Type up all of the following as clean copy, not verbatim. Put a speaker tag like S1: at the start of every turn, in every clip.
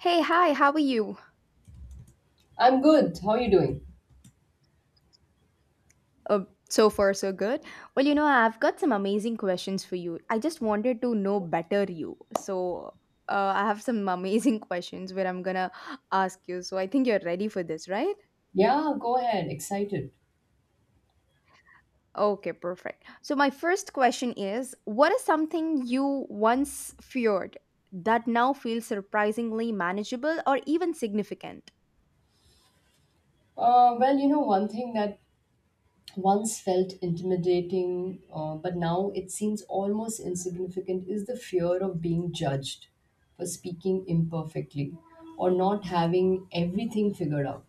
S1: Hey, hi, how are you?
S2: I'm good. How are you doing?
S1: Uh, so far, so good. Well, you know, I've got some amazing questions for you. I just wanted to know better you. So, I have some amazing questions where I'm gonna ask you. So, I think you're ready for this, right?
S2: Yeah, go ahead. Excited.
S1: Okay, perfect. So, my first question is, what is something you once feared that now feels surprisingly manageable or even significant?
S2: Well, you know, one thing that once felt intimidating, but now it seems almost insignificant, is the fear of being judged for speaking imperfectly or not having everything figured out.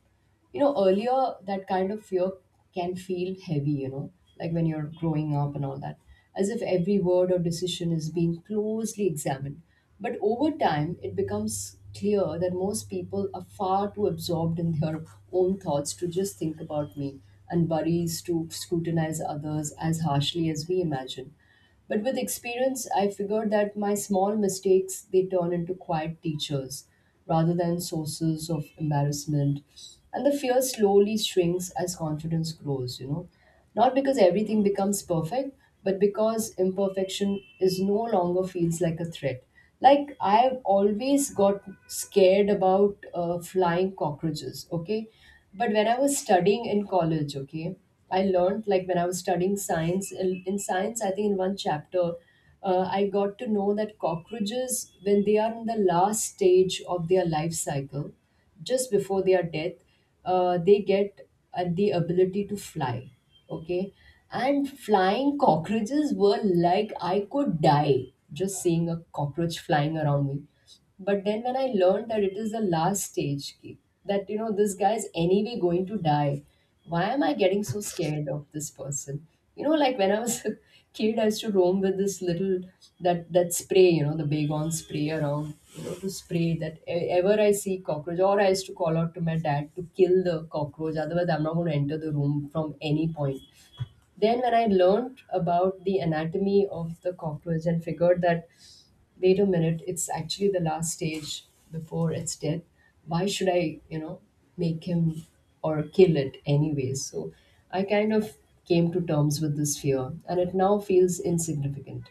S2: You know, earlier that kind of fear can feel heavy, you know, like when you're growing up and all that, as if every word or decision is being closely examined. But over time it becomes clear that most people are far too absorbed in their own thoughts to just think about me and worries, to scrutinize others as harshly as we imagine. But with experience, I figured that my small mistakes, they turn into quiet teachers rather than sources of embarrassment. And the fear slowly shrinks as confidence grows, you know. Not because everything becomes perfect, but because imperfection is no longer feels like a threat. Like, I've always got scared about flying cockroaches. Okay, but when I was studying in college, okay, I learned, like, when I was studying science in science, I think, in one chapter, I got to know that cockroaches, when they are in the last stage of their life cycle, just before their death, they get the ability to fly. Okay. And flying cockroaches were like, I could die just seeing a cockroach flying around me. But then when I learned that it is the last stage, that, you know, this guy is anyway going to die, why am I getting so scared of this person? You know, like when I was a kid, I used to roam with this little that spray, you know, the Baygon spray around, you know, to spray that ever I see cockroach, or I used to call out to my dad to kill the cockroach. Otherwise, I'm not going to enter the room from any point. Then, when I learned about the anatomy of the cockroach and figured that, wait a minute, it's actually the last stage before it's death. Why should I, you know, make him or kill it anyways? So I kind of came to terms with this fear and it now feels insignificant.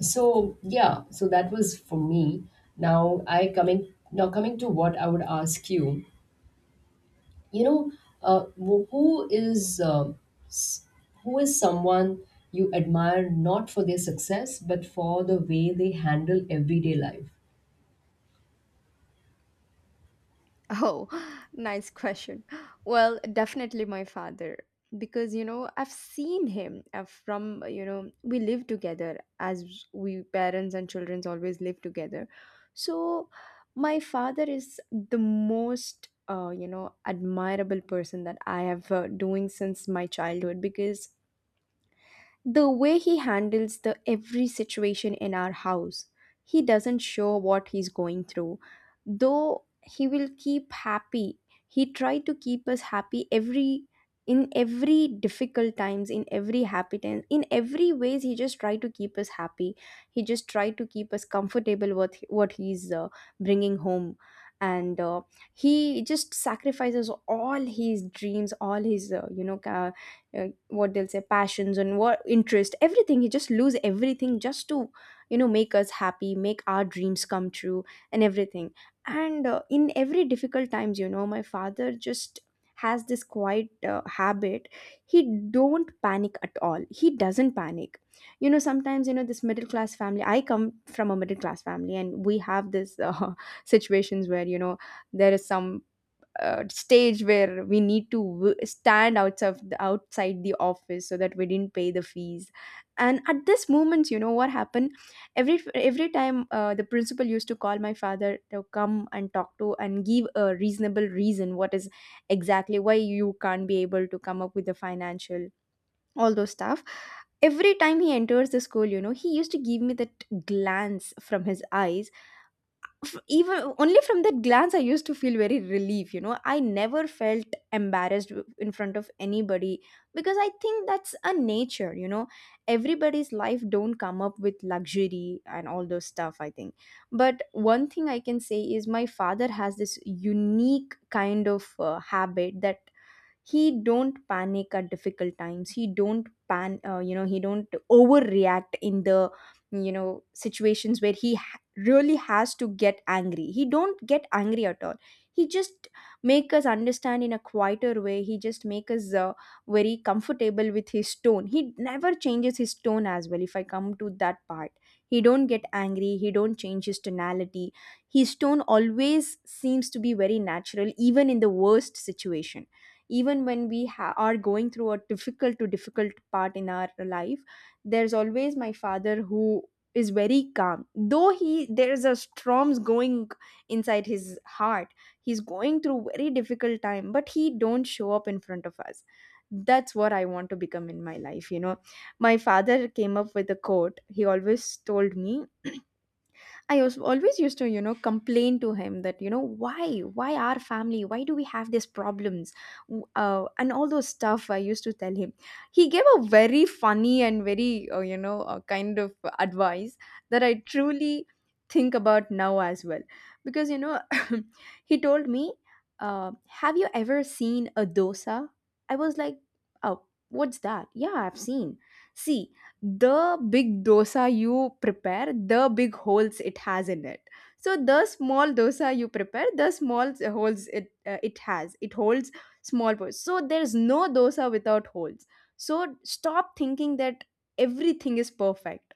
S2: So yeah, so that was for me. Now coming to what I would ask you. You know, uh, wh- who is uh, s- who is someone you admire, not for their success but for the way they handle everyday life?
S1: Oh, nice question. Well, definitely my father because you know I've seen him from you know, we live together, as we parents and childrens always live together. So my father is the most you know, admirable person that I have doing since my childhood, because the way he handles the every situation in our house, he doesn't show what he's going through, though he will keep happy, he tried to keep us happy every, in every difficult times, in every happy times, in every ways, he just tried to keep us happy, he just tried to keep us comfortable with what he's bringing home. And he just sacrifices all his dreams, all his you know, what they'll say, passions and what interest, everything he just lose everything just to, you know, make us happy, make our dreams come true and everything. And in every difficult times, you know, my father just has this quiet habit. He don't panic at all, he doesn't panic. You know, sometimes, you know, this middle class family, I come from a middle class family, and we have this situations where, you know, there is some stage where we need to stand outside outside the office, so that we didn't pay the fees. And at this moment, you know what happened, every time the principal used to call my father to come and talk to and give a reasonable reason what is exactly why you can't be able to come up with the financial, all those stuff. Every time he enters the school, you know, he used to give me that glance from his eyes. Even only from that glance I used to feel very relief. You know, I never felt embarrassed in front of anybody, because I think that's a nature, you know, everybody's life don't come up with luxury and all those stuff, I think. But one thing I can say is my father has this unique kind of habit that he don't panic at difficult times, he don't pan you know, he don't overreact in the, you know, situations where he really has to get angry, he don't get angry at all. He just make us understand in a quieter way, he just make us very comfortable with his tone. He never changes his tone as well, if I come to that part. He don't get angry, he don't change his tonality. His tone always seems to be very natural even in the worst situation, even when we are going through a difficult to difficult part in our life, there's always my father who is very calm, though he there's a storms going inside his heart. He's going through very difficult time, but he don't show up in front of us. That's what I want to become in my life, you know. My father came up with a quote, he always told me, I was always used to, you know, complain to him that, you know, why our family, why do we have these problems, and all those stuff, I used to tell him. He gave a very funny and very, you know, kind of advice that I truly think about now as well, because you know, he told me, uh, "Have you ever seen a dosa?" I was like, "Oh, what's that? Yeah, I've seen." See, the big dosa you prepare, the big holes it has in it. So the small dosa you prepare, the small holes it it has. It holds small holes. So there's no dosa without holes. So stop thinking that everything is perfect.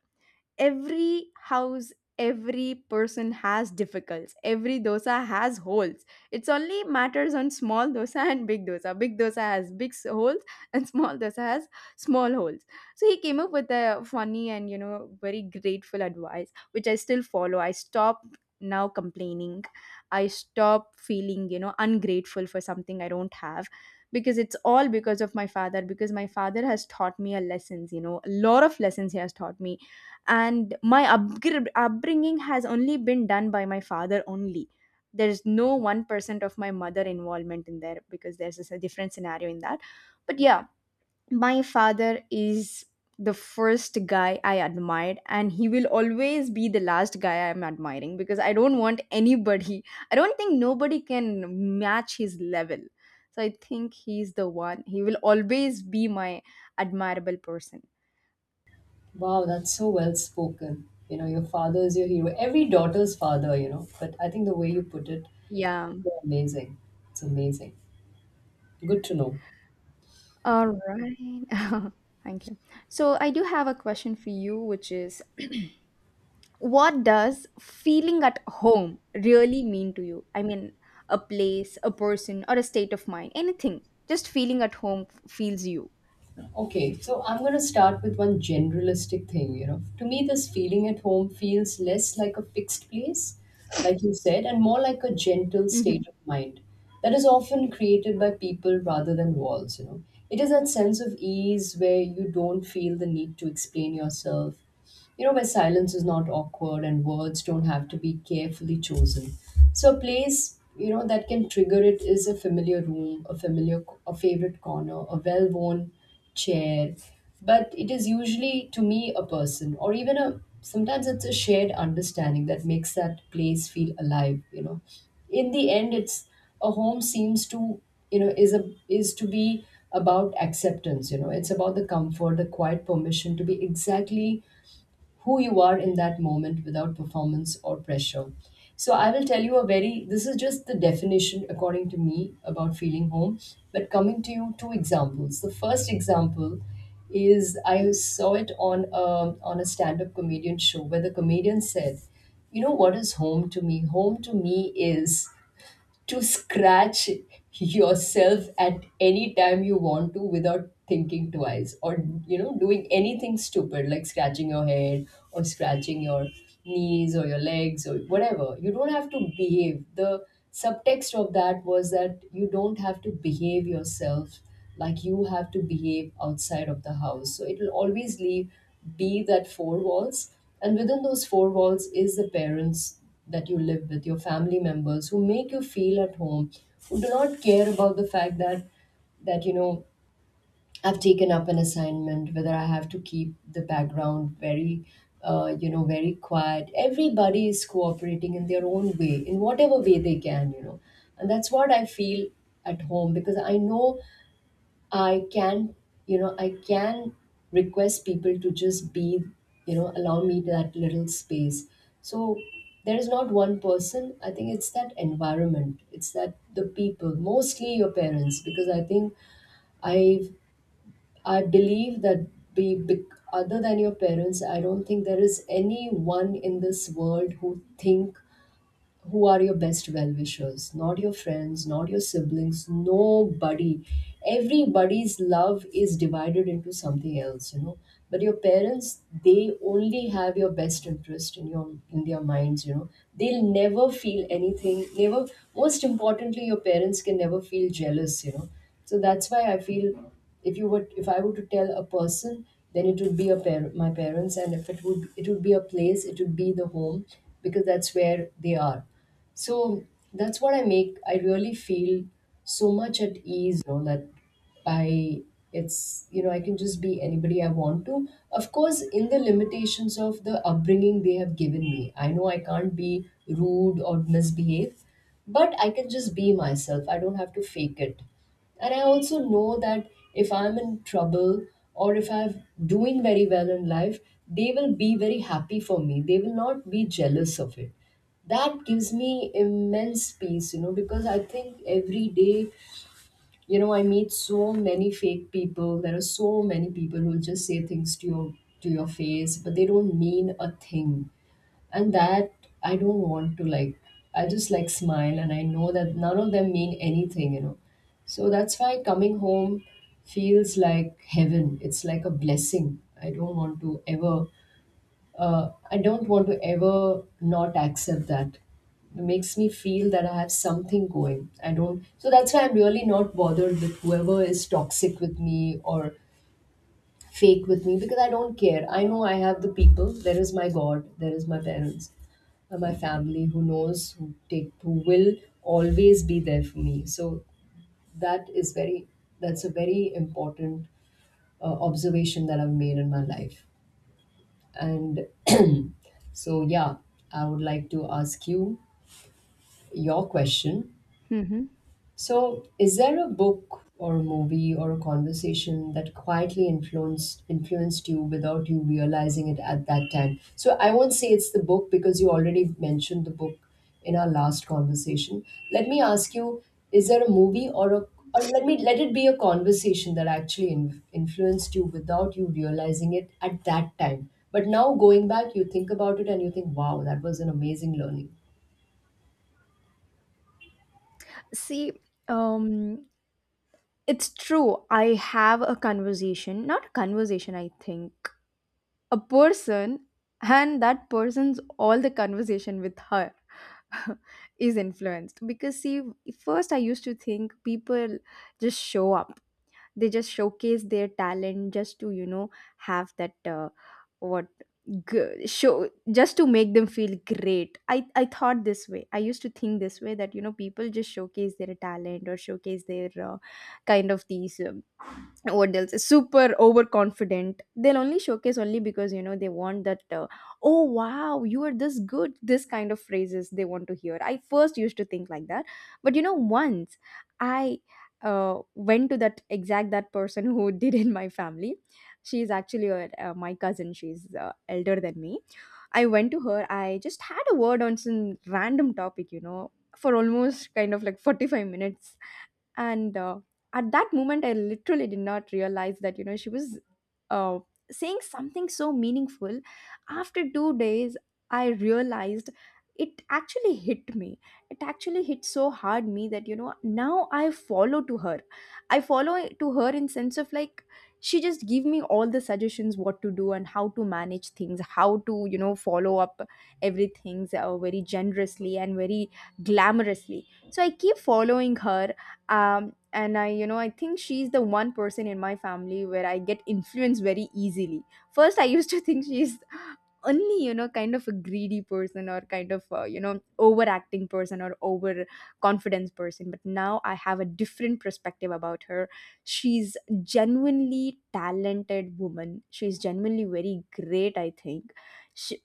S1: Every house, every person has difficulties, every dosa has holes. It's only matters on small dosa and big dosa. Big dosa has big holes, and small dosa has small holes. So he came up with a funny and, you know, very grateful advice, which I still follow. I stopped now complaining, I stop feeling, you know, ungrateful for something I don't have, because it's all because of my father, because my father has taught me a lessons, you know, a lot of lessons he has taught me. And my upbringing has only been done by my father only. There's no 1% of my mother involvement in there, because there's a different scenario in that. But yeah, my father is the first guy I admired, and he will always be the last guy I'm admiring, because I don't want anybody, I don't think nobody can match his level. So I think he's the one, he will always be my admirable person.
S2: Wow, that's so well spoken. You know, your father is your hero. Every daughter's father, you know. But I think the way you put it,
S1: Yeah.
S2: you're amazing. It's amazing. Good to know.
S1: All right. Thank you. So, I do have a question for you, which is what does feeling at home really mean to you? I mean, a place, a person, or a state of mind, anything. Just feeling at home feels you.
S2: Okay, so I'm going to start with one generalistic thing, you know. To me, this feeling at home feels less like a fixed place, like you said, and more like a gentle
S1: Hmm.
S2: state of mind that is often created by people rather than walls, you know. It is that sense of ease where you don't feel the need to explain yourself, you know, where silence is not awkward and words don't have to be carefully chosen. So a place, you know, that can trigger it is a familiar room, a favorite corner, a well-worn chair. But it is usually, to me, a person or even sometimes it's a shared understanding that makes that place feel alive, you know. In the end, it's a home seems to, you know, is to be about acceptance, you know, it's about the comfort, the quiet permission to be exactly who you are in that moment without performance or pressure. So I will tell you a very, this is just the definition according to me about feeling home. But coming to you, two examples. The first example is, I saw it on on a stand-up comedian show where the comedian said, "You know what is home to me? Home to me is to scratch yourself at any time you want to without thinking twice, or, you know, doing anything stupid like scratching your head or scratching your knees or your legs or whatever. You don't have to behave." The subtext of that was that you don't have to behave yourself like you have to behave outside of the house. So it will always leave be that four walls, and within those four walls is the parents that you live with, your family members who make you feel at home, who do not care about the fact that, you know, I've taken up an assignment, whether I have to keep the background very, you know, very quiet. Everybody is cooperating in their own way, in whatever way they can, you know, and that's what I feel at home, because I know I can, you know, I can request people to just be, you know, allow me that little space. So there is not one person. I think it's that environment. It's that the people, mostly your parents, because I think I I believe that, be other than your parents, I don't think there is anyone in this world who think, who are your best well wishers. Not your friends, not your siblings, nobody. Everybody's love is divided into something else, you know. But your parents, they only have your best interest in your in their minds, you know. They'll never feel anything, never. Most importantly, your parents can never feel jealous, you know. So that's why I feel, if you would, if I were to tell a person, then it would be a my parents, and if it would, it would be a place, it would be the home, because that's where they are. So that's what I make, I really feel so much at ease, you know, that I, it's, you know, I can just be anybody I want to. Of course, in the limitations of the upbringing they have given me, I know I can't be rude or misbehave, but I can just be myself. I don't have to fake it. And I also know that if I'm in trouble or if I'm doing very well in life, they will be very happy for me. They will not be jealous of it. That gives me immense peace, you know, because I think every day, you know, I meet so many fake people. There are so many people who just say things to your, to your face, but they don't mean a thing. And that, I don't want to, like, I just like smile and I know that none of them mean anything, you know. So that's why coming home feels like heaven. It's like a blessing. I don't want to ever, I don't want to ever not accept that. It makes me feel that I have something going. I don't. So that's why I'm really not bothered with whoever is toxic with me or fake with me, because I don't care. I know I have the people. There is my God. There is my parents and my family who knows, who take, who will always be there for me. So that is very. That's a very important observation that I've made in my life. And so, yeah, I would like to ask you your question.
S1: Hmm.
S2: So, is there a book or a movie or a conversation that quietly influenced you without you realizing it at that time? So, I won't say it's the book because you already mentioned the book in our last conversation. Let me ask you: is there a movie, or a, or let me let it be a conversation that actually influenced you without you realizing it at that time? But now going back, you think about it and you think, "Wow, that was an amazing learning."
S1: See, um, it's true. I have a conversation, not a conversation, I think, a person, and that person's all the conversation with her is influenced, because see, first I used to think people just show up, they just showcase their talent just to, you know, have that what, show just to make them feel great. I thought this way, I used to think this way that, you know, people just showcase their talent or showcase their kind of these what else is super overconfident, they'll only showcase only because, you know, they want that, oh wow, you are this good, this kind of phrases they want to hear. I first used to think like that. But you know, once I went to that exact that person who did in my family, she is actually my cousin, she's elder than me. I went to her, I just had a word on some random topic, you know, for almost kind of like 45 minutes. And at that moment I literally did not realize that, you know, she was uh, saying something so meaningful. After 2 days, I realized, it actually hit me, it actually hit so hard me that, you know, now I follow to her. I follow to her in sense of like, she just give me all the suggestions what to do and how to manage things, how to, you know, follow up everything, very generously and very glamorously. So I keep following her. And I, you know, I think she's the one person in my family where I get influenced very easily. First I used to think she's only, you know, kind of a greedy person, or kind of, you know, overacting person, or over confidence person, but now I have a different perspective about her. She's genuinely talented woman, she's genuinely very great, I think. She,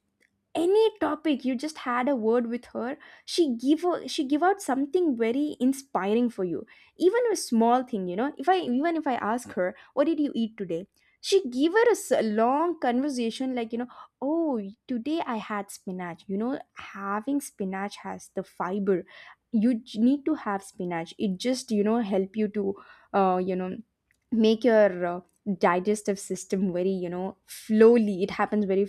S1: any topic you just had a word with her, she give out something very inspiring for you. Even a small thing, you know, if I, even if I ask her what did you eat today, she give her a long conversation, like, you know, oh, today I had spinach. You know, having spinach has the fiber, you need to have spinach, it just, you know, help you to, you know, make your digestive system very, you know, slowly it happens very.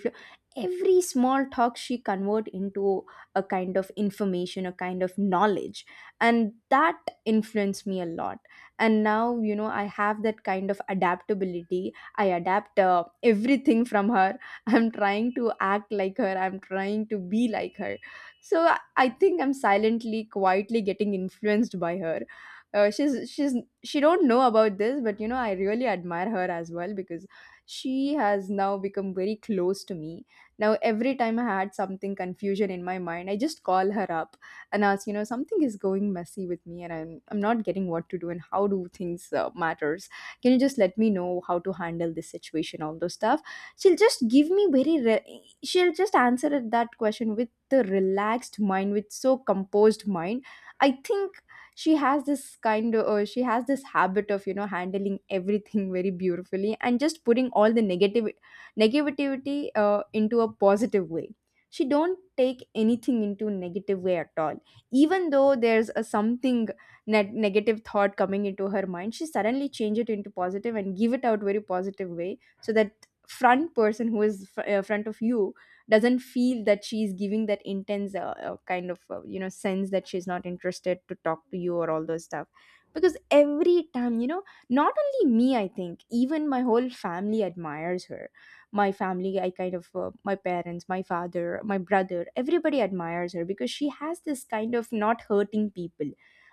S1: Every small talk she convert into a kind of information, a kind of knowledge. And that influenced me a lot. And now, you know, I have that kind of adaptability, I adapt everything from her. I'm trying to act like her, I'm trying to be like her. So I think I'm silently quietly getting influenced by her. She's she don't know about this, but you know, I really admire her as well, because she has now become very close to me. Now, every time I had something confusion in my mind, I just call her up and ask, you know, something is going messy with me, and I'm not getting what to do and how do things matters. Can you just let me know how to handle this situation, all those stuff? She'll just give me very, she'll just that question with the relaxed mind, with so composed mind. I think she has this kind of she has this habit of handling everything very beautifully and just putting all the negative negativity into a positive way. She don't take anything into negative way at all, even though there's a something negative thought coming into her mind. She suddenly change it into positive and give it out very positive way, so that front person who is front of you doesn't feel that she is giving that intense kind of sense that she's not interested to talk to you or all those stuff. Because every time, you know, not only me, I think even my whole family admires her. My family, I kind of my parents, my father, my brother, everybody admires her, because she has this kind of not hurting people.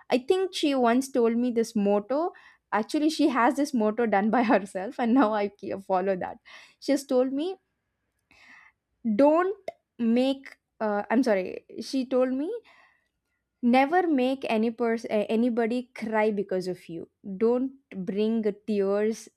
S1: I think she once told me this motto. Actually, she has this motto done by herself, and now I follow that. She has told me, don't make I'm sorry, she told me, never make any person, anybody cry because of you. Don't bring tears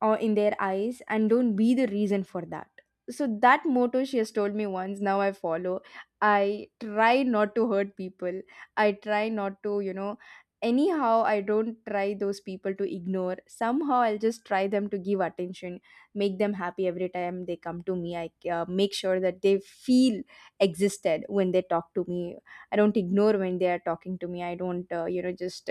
S1: or in their eyes, and don't be the reason for that. So that motto she has told me once, now I follow. I try not to hurt people. I try not to, you know, anyhow I don't try those people to ignore, somehow I'll just try them to give attention, make them happy. Every time they come to me, I make sure that they feel existed when they talk to me. I don't ignore when they are talking to me. I don't just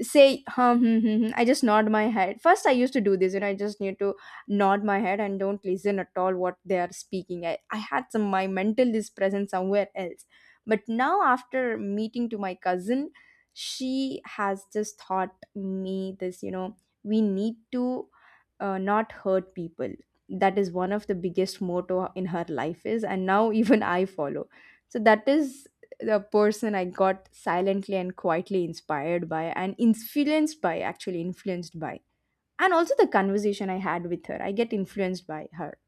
S1: say huh, hmm, hmm, hmm. I just nod my head. First I used to do this, you know, I just need to nod my head and don't listen at all what they are speaking. I had some, my mental is present somewhere else. But now after meeting to my cousin, she has just taught me this, you know, we need to not hurt people. That is one of the biggest motto in her life is, and now even I follow. So that is the person I got silently and quietly inspired by and influenced by, actually influenced by. And also the conversation I had with her, I get influenced by her.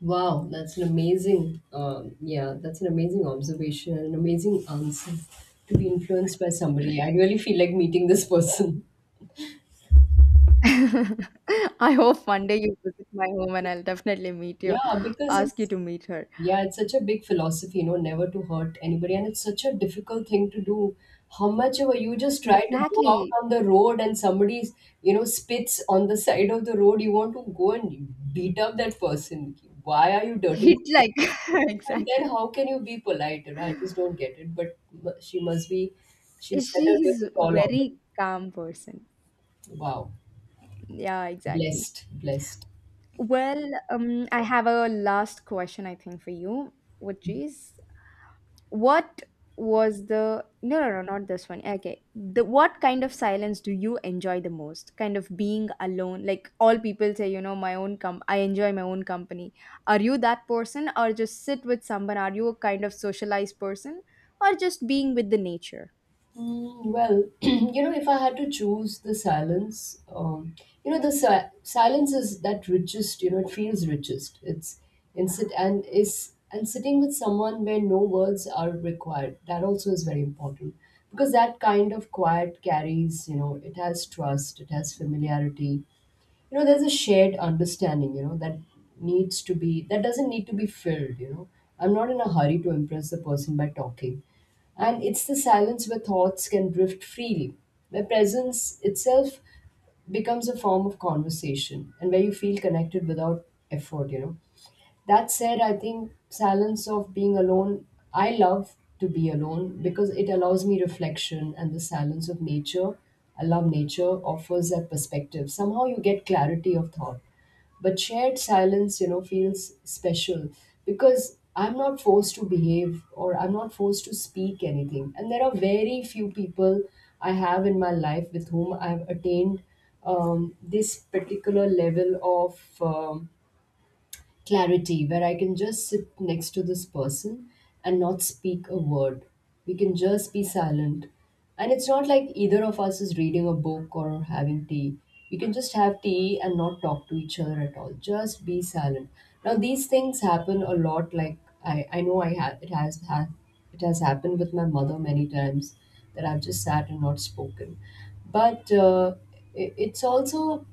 S2: Wow, that's an amazing, yeah, that's an amazing observation and an amazing answer to be influenced by somebody. I really feel like meeting this person.
S1: I hope one day you visit my home, and I'll definitely meet
S2: Yeah,
S1: you,
S2: because
S1: ask you
S2: it's,
S1: to meet her.
S2: yeah, it's such a big philosophy, you know, never to hurt anybody, and it's such a difficult thing to do. How much of a, you just try to go out
S1: Exactly.
S2: on the road and somebody, you know, spits on the side of the road, you want to go and beat up that person. Why are you dirtying?
S1: Hit like,
S2: And then
S1: exactly.
S2: how can you be polite? You know, I just don't get it. But she must be, she's set a
S1: She's
S2: really tall order.
S1: very calm person.
S2: Wow.
S1: Yeah, exactly.
S2: Blessed, blessed.
S1: Well, I have a last question, I think, for you, which is, what was the, no, no, no, not this one. Okay. The, what kind of silence do you enjoy the most? Kind of being alone. Like all people say, you know, my own com I enjoy my own company. Are you that person, or just sit with someone? Are you a kind of socialized person, or just being with the nature?
S2: Mm, well, you know, if I had to choose the silence, you know, the silence is that richest, you know, it feels richest. It's in sit and is and sitting with someone where no words are required. That also is very important because that kind of quiet carries, you know, it has trust, it has familiarity, you know there's a shared understanding, you know, that needs to be that doesn't need to be filled, you know. I'm not in a hurry to impress the person by talking, and it's the silence where thoughts can drift freely, where presence itself becomes a form of conversation and where you feel connected without effort, you know. That said, I think silence of being alone, I love to be alone because it allows me reflection, and the silence of nature. I love nature, offers that perspective. Somehow you get clarity of thought. But shared silence, you know, feels special because I'm not forced to behave or I'm not forced to speak anything. And there are very few people I have in my life with whom I've attained this particular level of. Clarity where I can just sit next to this person and not speak a word. We can just be silent. And it's not like either of us is reading a book or having tea. We can just have tea and not talk to each other at all. Just be silent. Now these things happen a lot. Like I know I have it has ha- it has happened with my mother many times that I've just sat and not spoken. But it's also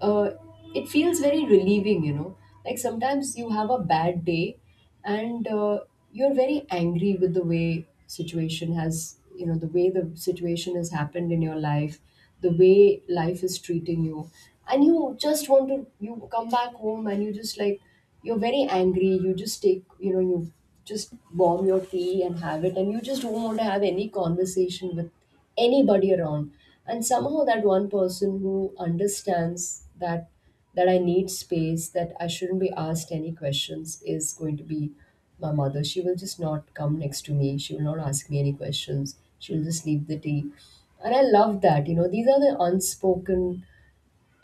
S2: uh, it feels very relieving, Like sometimes you have a bad day and you're very angry with the way the situation has happened in your life, the way life is treating you. And you just want to, you come back home and you just like, you're very angry. You just bomb your tea and have it, and you just don't want to have any conversation with anybody around. And somehow that one person who understands that that I need space, that I shouldn't be asked any questions, is going to be my mother. She will just not come next to me, she will not ask me any questions, she'll just leave the tea. And I love that, you know, these are the unspoken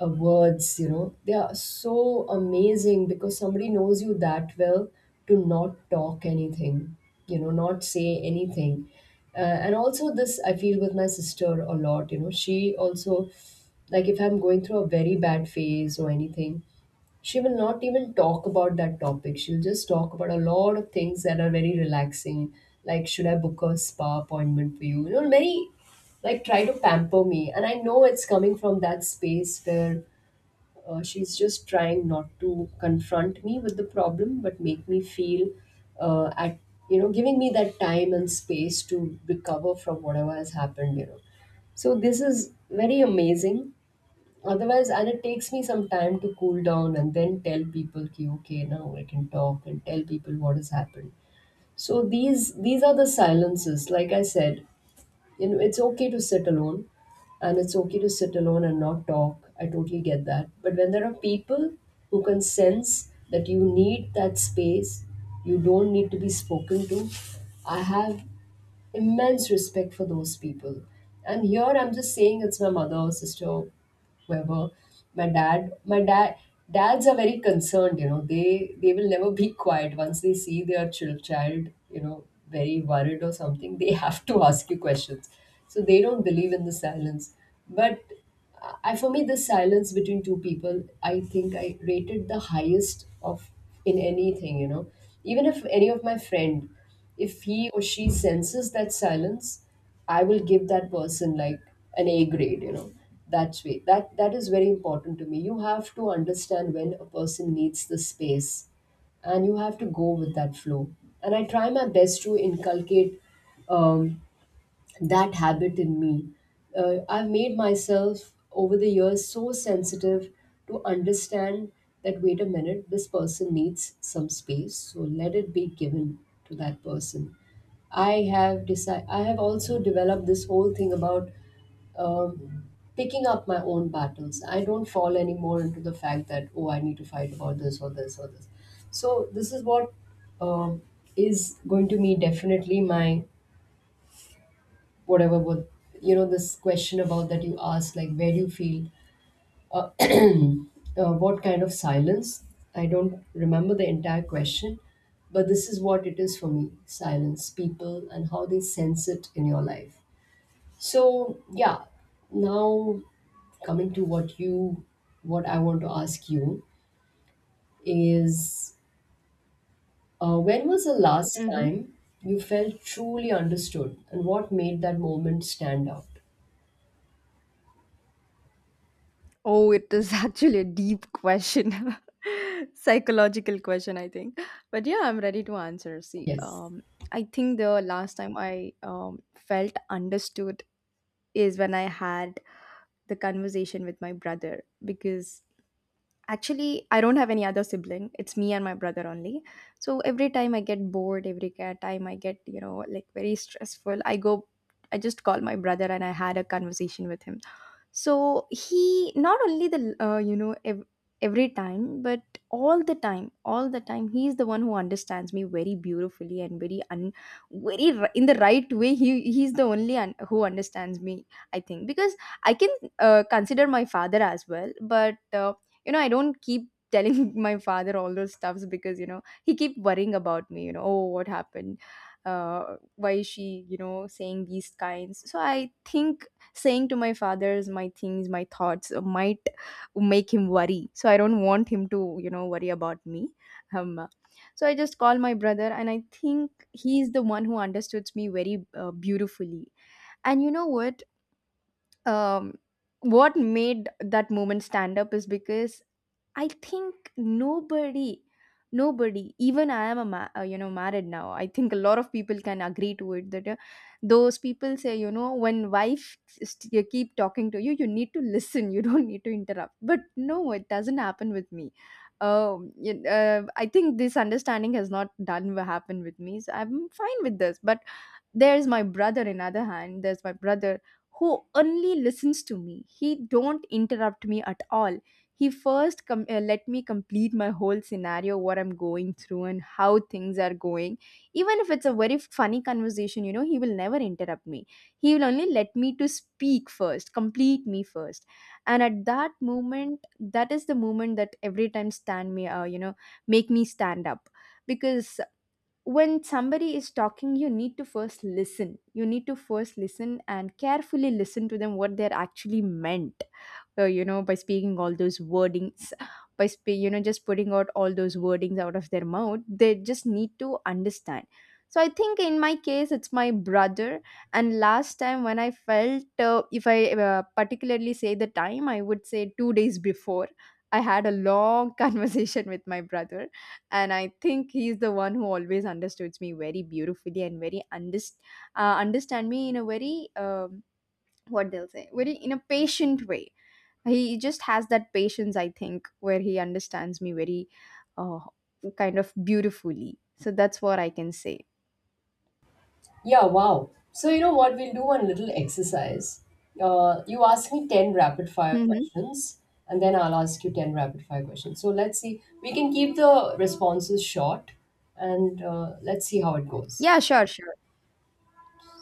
S2: words, you know. They are so amazing because somebody knows you that well to not talk anything, you know, not say anything. And also, this I feel with my sister a lot, you know. She also, like, if I'm going through a very bad phase or anything, she will not even talk about that topic. She'll just talk about a lot of things that are very relaxing, like should I book a spa appointment for you? You know, very like try to pamper me, and I know it's coming from that space where she's just trying not to confront me with the problem but make me feel at you know, giving me that time and space to recover from whatever has happened, you know. So this is very amazing. Otherwise, and it takes me some time to cool down and then tell people, okay, okay, now I can talk and tell people what has happened. So these are the silences. Like I said, you know, it's okay to sit alone, and it's okay to sit alone and not talk. I totally get that. But when there are people who can sense that you need that space, you don't need to be spoken to, I have immense respect for those people. And here I'm just saying it's my mother or sister, whoever. My dad, dads are very concerned, you know, they will never be quiet once they see their child, you know, very worried or something, they have to ask you questions. So they don't believe in the silence. But I, for me, the silence between two people, I think I rated the highest of in anything, you know. Even if any of my friend, if he or she senses that silence, I will give that person like an A grade, you know. That's way that that is very important to me. You have to understand when a person needs the space, and you have to go with that flow. And I try my best to inculcate um, that habit in me. I've made myself over the years so sensitive to understand that wait a minute, this person needs some space, so let it be given to that person. I have decided. I have also developed this whole thing about um, picking up my own battles. I don't fall anymore into the fact that oh, I need to fight about this or this or this. So this is what um is going to be definitely my whatever what you know, this question about that you asked, like where do you feel uh, what kind of silence. I don't remember the entire question, but this is what it is for me: silence, people, and how they sense it in your life. So yeah. Now, coming to what I want to ask you is, when was the last
S1: Mm-hmm.
S2: time you felt truly understood and what made that moment stand out?
S1: Oh, it is actually a deep question. Psychological question, I think. But yeah, I'm ready to answer. See,
S2: Yes.
S1: I think the last time I felt understood is when I had the conversation with my brother, because actually I don't have any other sibling. It's me and my brother only. So every time I get bored, time I get, you know, like very stressful, I just call my brother and I had a conversation with him. So he not only the every time, but all the time, he is the one who understands me very beautifully and very un- very ri- in the right way. He's the only who understands me, I think, because I can consider my father as well, but you know, I don't keep telling my father all those stuffs, because you know he keep worrying about me, you know, oh what happened, why is she, you know, saying these kinds. So I think saying to my father's my things, my thoughts might make him worry, so I don't want him to, you know, worry about me. um, uh, so I just call my brother, and I think he's the one who understood me very beautifully. And you know what, um, what made that moment stand up is because I think nobody, nobody, even I am a you know, married now. I think a lot of people can agree to it that those people say, you know, when wife you keep talking to you, you need to listen. You don't need to interrupt. But no, it doesn't happen with me. I think this understanding has not done what happened with me. So I'm fine with this. But there's my brother who only listens to me. He don't interrupt me at all. He first let me complete my whole scenario, what I'm going through and how things are going. Even if it's a very funny conversation, you know, he will never interrupt me. He will only let me to speak first, complete me first. And at that moment, that is the moment that every time stand me, you know, make me stand up. Because when somebody is talking, you need to first listen. You need to first listen and carefully listen to them what they're actually meant you know, by speaking all those wordings. You know, just putting out all those wordings out of their mouth, they just need to understand. So I think in my case, it's my brother. And last time when I felt, if I particularly say the time, I would say two days before I had a long conversation with my brother. And I think he's the one who always understood me very beautifully and understand me in a very what they'll say, very in a patient way. He just has that patience, I think, where he understands me very uh, kind of beautifully. So that's what I can say.
S2: Yeah, wow. So, you know what? We'll do one little exercise. You ask me 10 rapid fire
S1: Hmm.
S2: questions, and then I'll ask you 10 rapid fire questions. So, let's see. We can keep the responses short, and let's see how it goes.
S1: Yeah, sure, sure.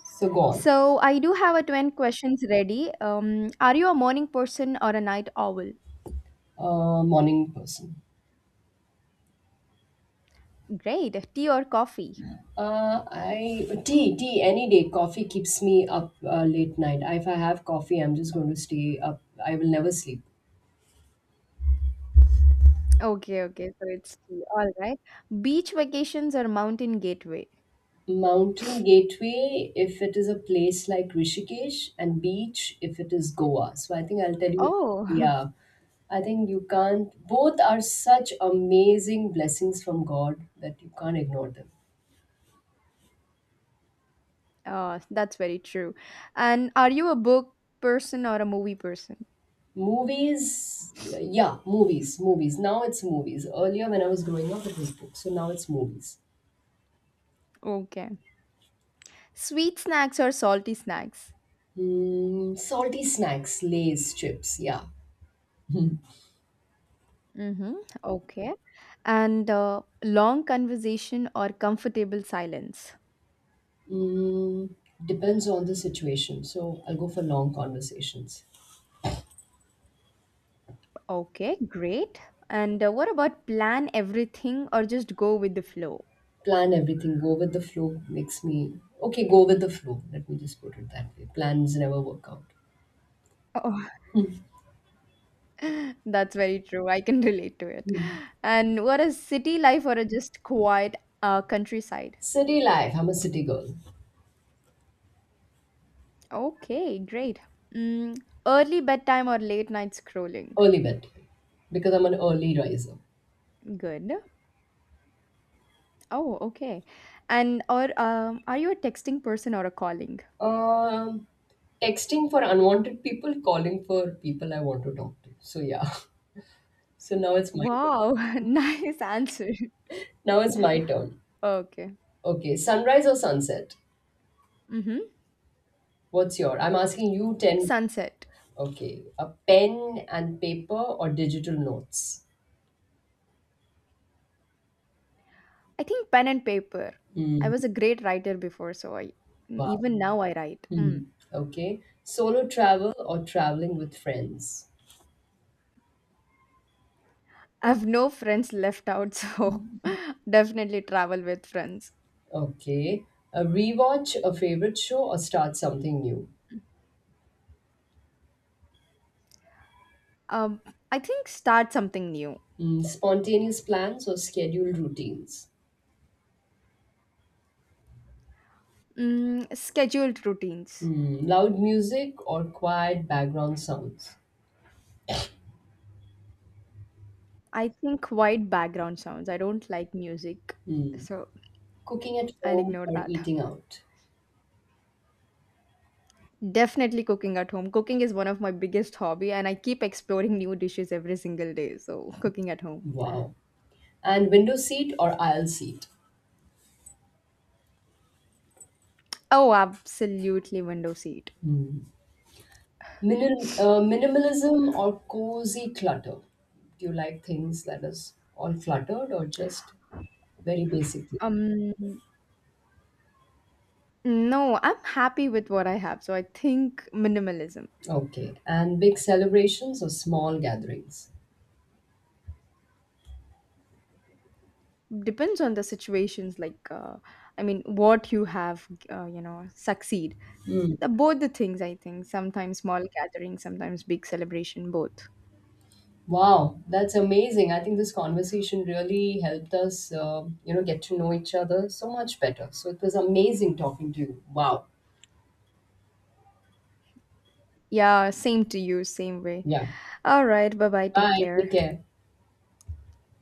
S2: So, go on.
S1: So I do have a 20 questions ready. Are you a morning person or a night owl?
S2: Morning person.
S1: Great. Tea or coffee?
S2: I tea any day. Coffee keeps me up late night. If I have coffee, I'm just going to stay up. I will never sleep.
S1: Okay, okay. So it's tea. All right. Beach vacations or mountain gateway?
S2: Mountain Gateway, if it is a place like Rishikesh, and beach, if it is Goa. So I think I'll tell you,
S1: Oh,
S2: yeah, I think you can't, both are such amazing blessings from God that you can't ignore them.
S1: oh, that's very true. And are you a book person or a movie person?
S2: Movies, yeah, movies, movies. Now it's movies. Earlier when I was growing up, it was books. So now it's movies.
S1: Okay. Sweet snacks or salty snacks?
S2: Mm, salty snacks, Lay's, chips, yeah.
S1: Mm-hmm. Okay. And long conversation or comfortable silence?
S2: Mm, depends on the situation. So I'll go for long conversations.
S1: Okay, great. And what about plan everything or just go with the flow?
S2: Plan everything, go with the flow makes me okay, go with the flow. Let me just put it that way. Plans never work out.
S1: That's very true. I can relate to it.
S2: Hmm.
S1: And what is city life or a just quiet countryside?
S2: City life, I'm a city girl.
S1: Okay, great. Mm, early bedtime or late night scrolling?
S2: Early bed because I'm an early riser.
S1: Good. Oh, okay. And or are you a texting person or a calling?
S2: Um, texting for unwanted people, calling for people I want to talk to. So yeah. So now it's my turn.
S1: Wow, nice answer.
S2: Now it's my turn.
S1: Okay.
S2: Okay, sunrise or sunset?
S1: Mm-hmm.
S2: What's your? I'm asking you 10.
S1: Sunset.
S2: Okay, a pen and paper or digital notes?
S1: I think pen and paper. I
S2: Hmm.
S1: was a great writer before, so I
S2: Wow.
S1: even now I write.
S2: Hmm.
S1: Mm.
S2: Okay. Solo travel or traveling with friends.
S1: I have no friends left out, so definitely travel with friends.
S2: Okay. A rewatch, a favorite show, or start something new.
S1: Um, I think start something new.
S2: Hmm. Spontaneous plans or scheduled routines.
S1: Mm, scheduled routines.
S2: Hmm. Loud music or quiet background sounds.
S1: I think white background sounds. I don't like music, so
S2: Cooking at
S1: I'll
S2: home
S1: ignore
S2: or
S1: that.
S2: eating out.
S1: Definitely cooking at home. Cooking is one of my biggest hobby, and I keep exploring new dishes every single day. So cooking at home.
S2: Wow. And window seat or aisle seat.
S1: Oh, absolutely window seat.
S2: Hmm. Minimalism or cozy clutter. Do you like things that is all cluttered or just very basic?
S1: Um, no, I'm happy with what I have, so I think minimalism.
S2: Okay. And big celebrations or small gatherings?
S1: Depends on the situations, like I mean what you have, you know, succeed
S2: Mm.
S1: the, both the things. I think sometimes small gathering, sometimes big celebration, both.
S2: Wow, that's amazing. I think this conversation really helped us, you know, get to know each other so much better. So it was amazing talking to you. Wow.
S1: Yeah, same to you, same way.
S2: Yeah.
S1: All right, bye bye, take
S2: Bye. Take
S1: care.
S2: care.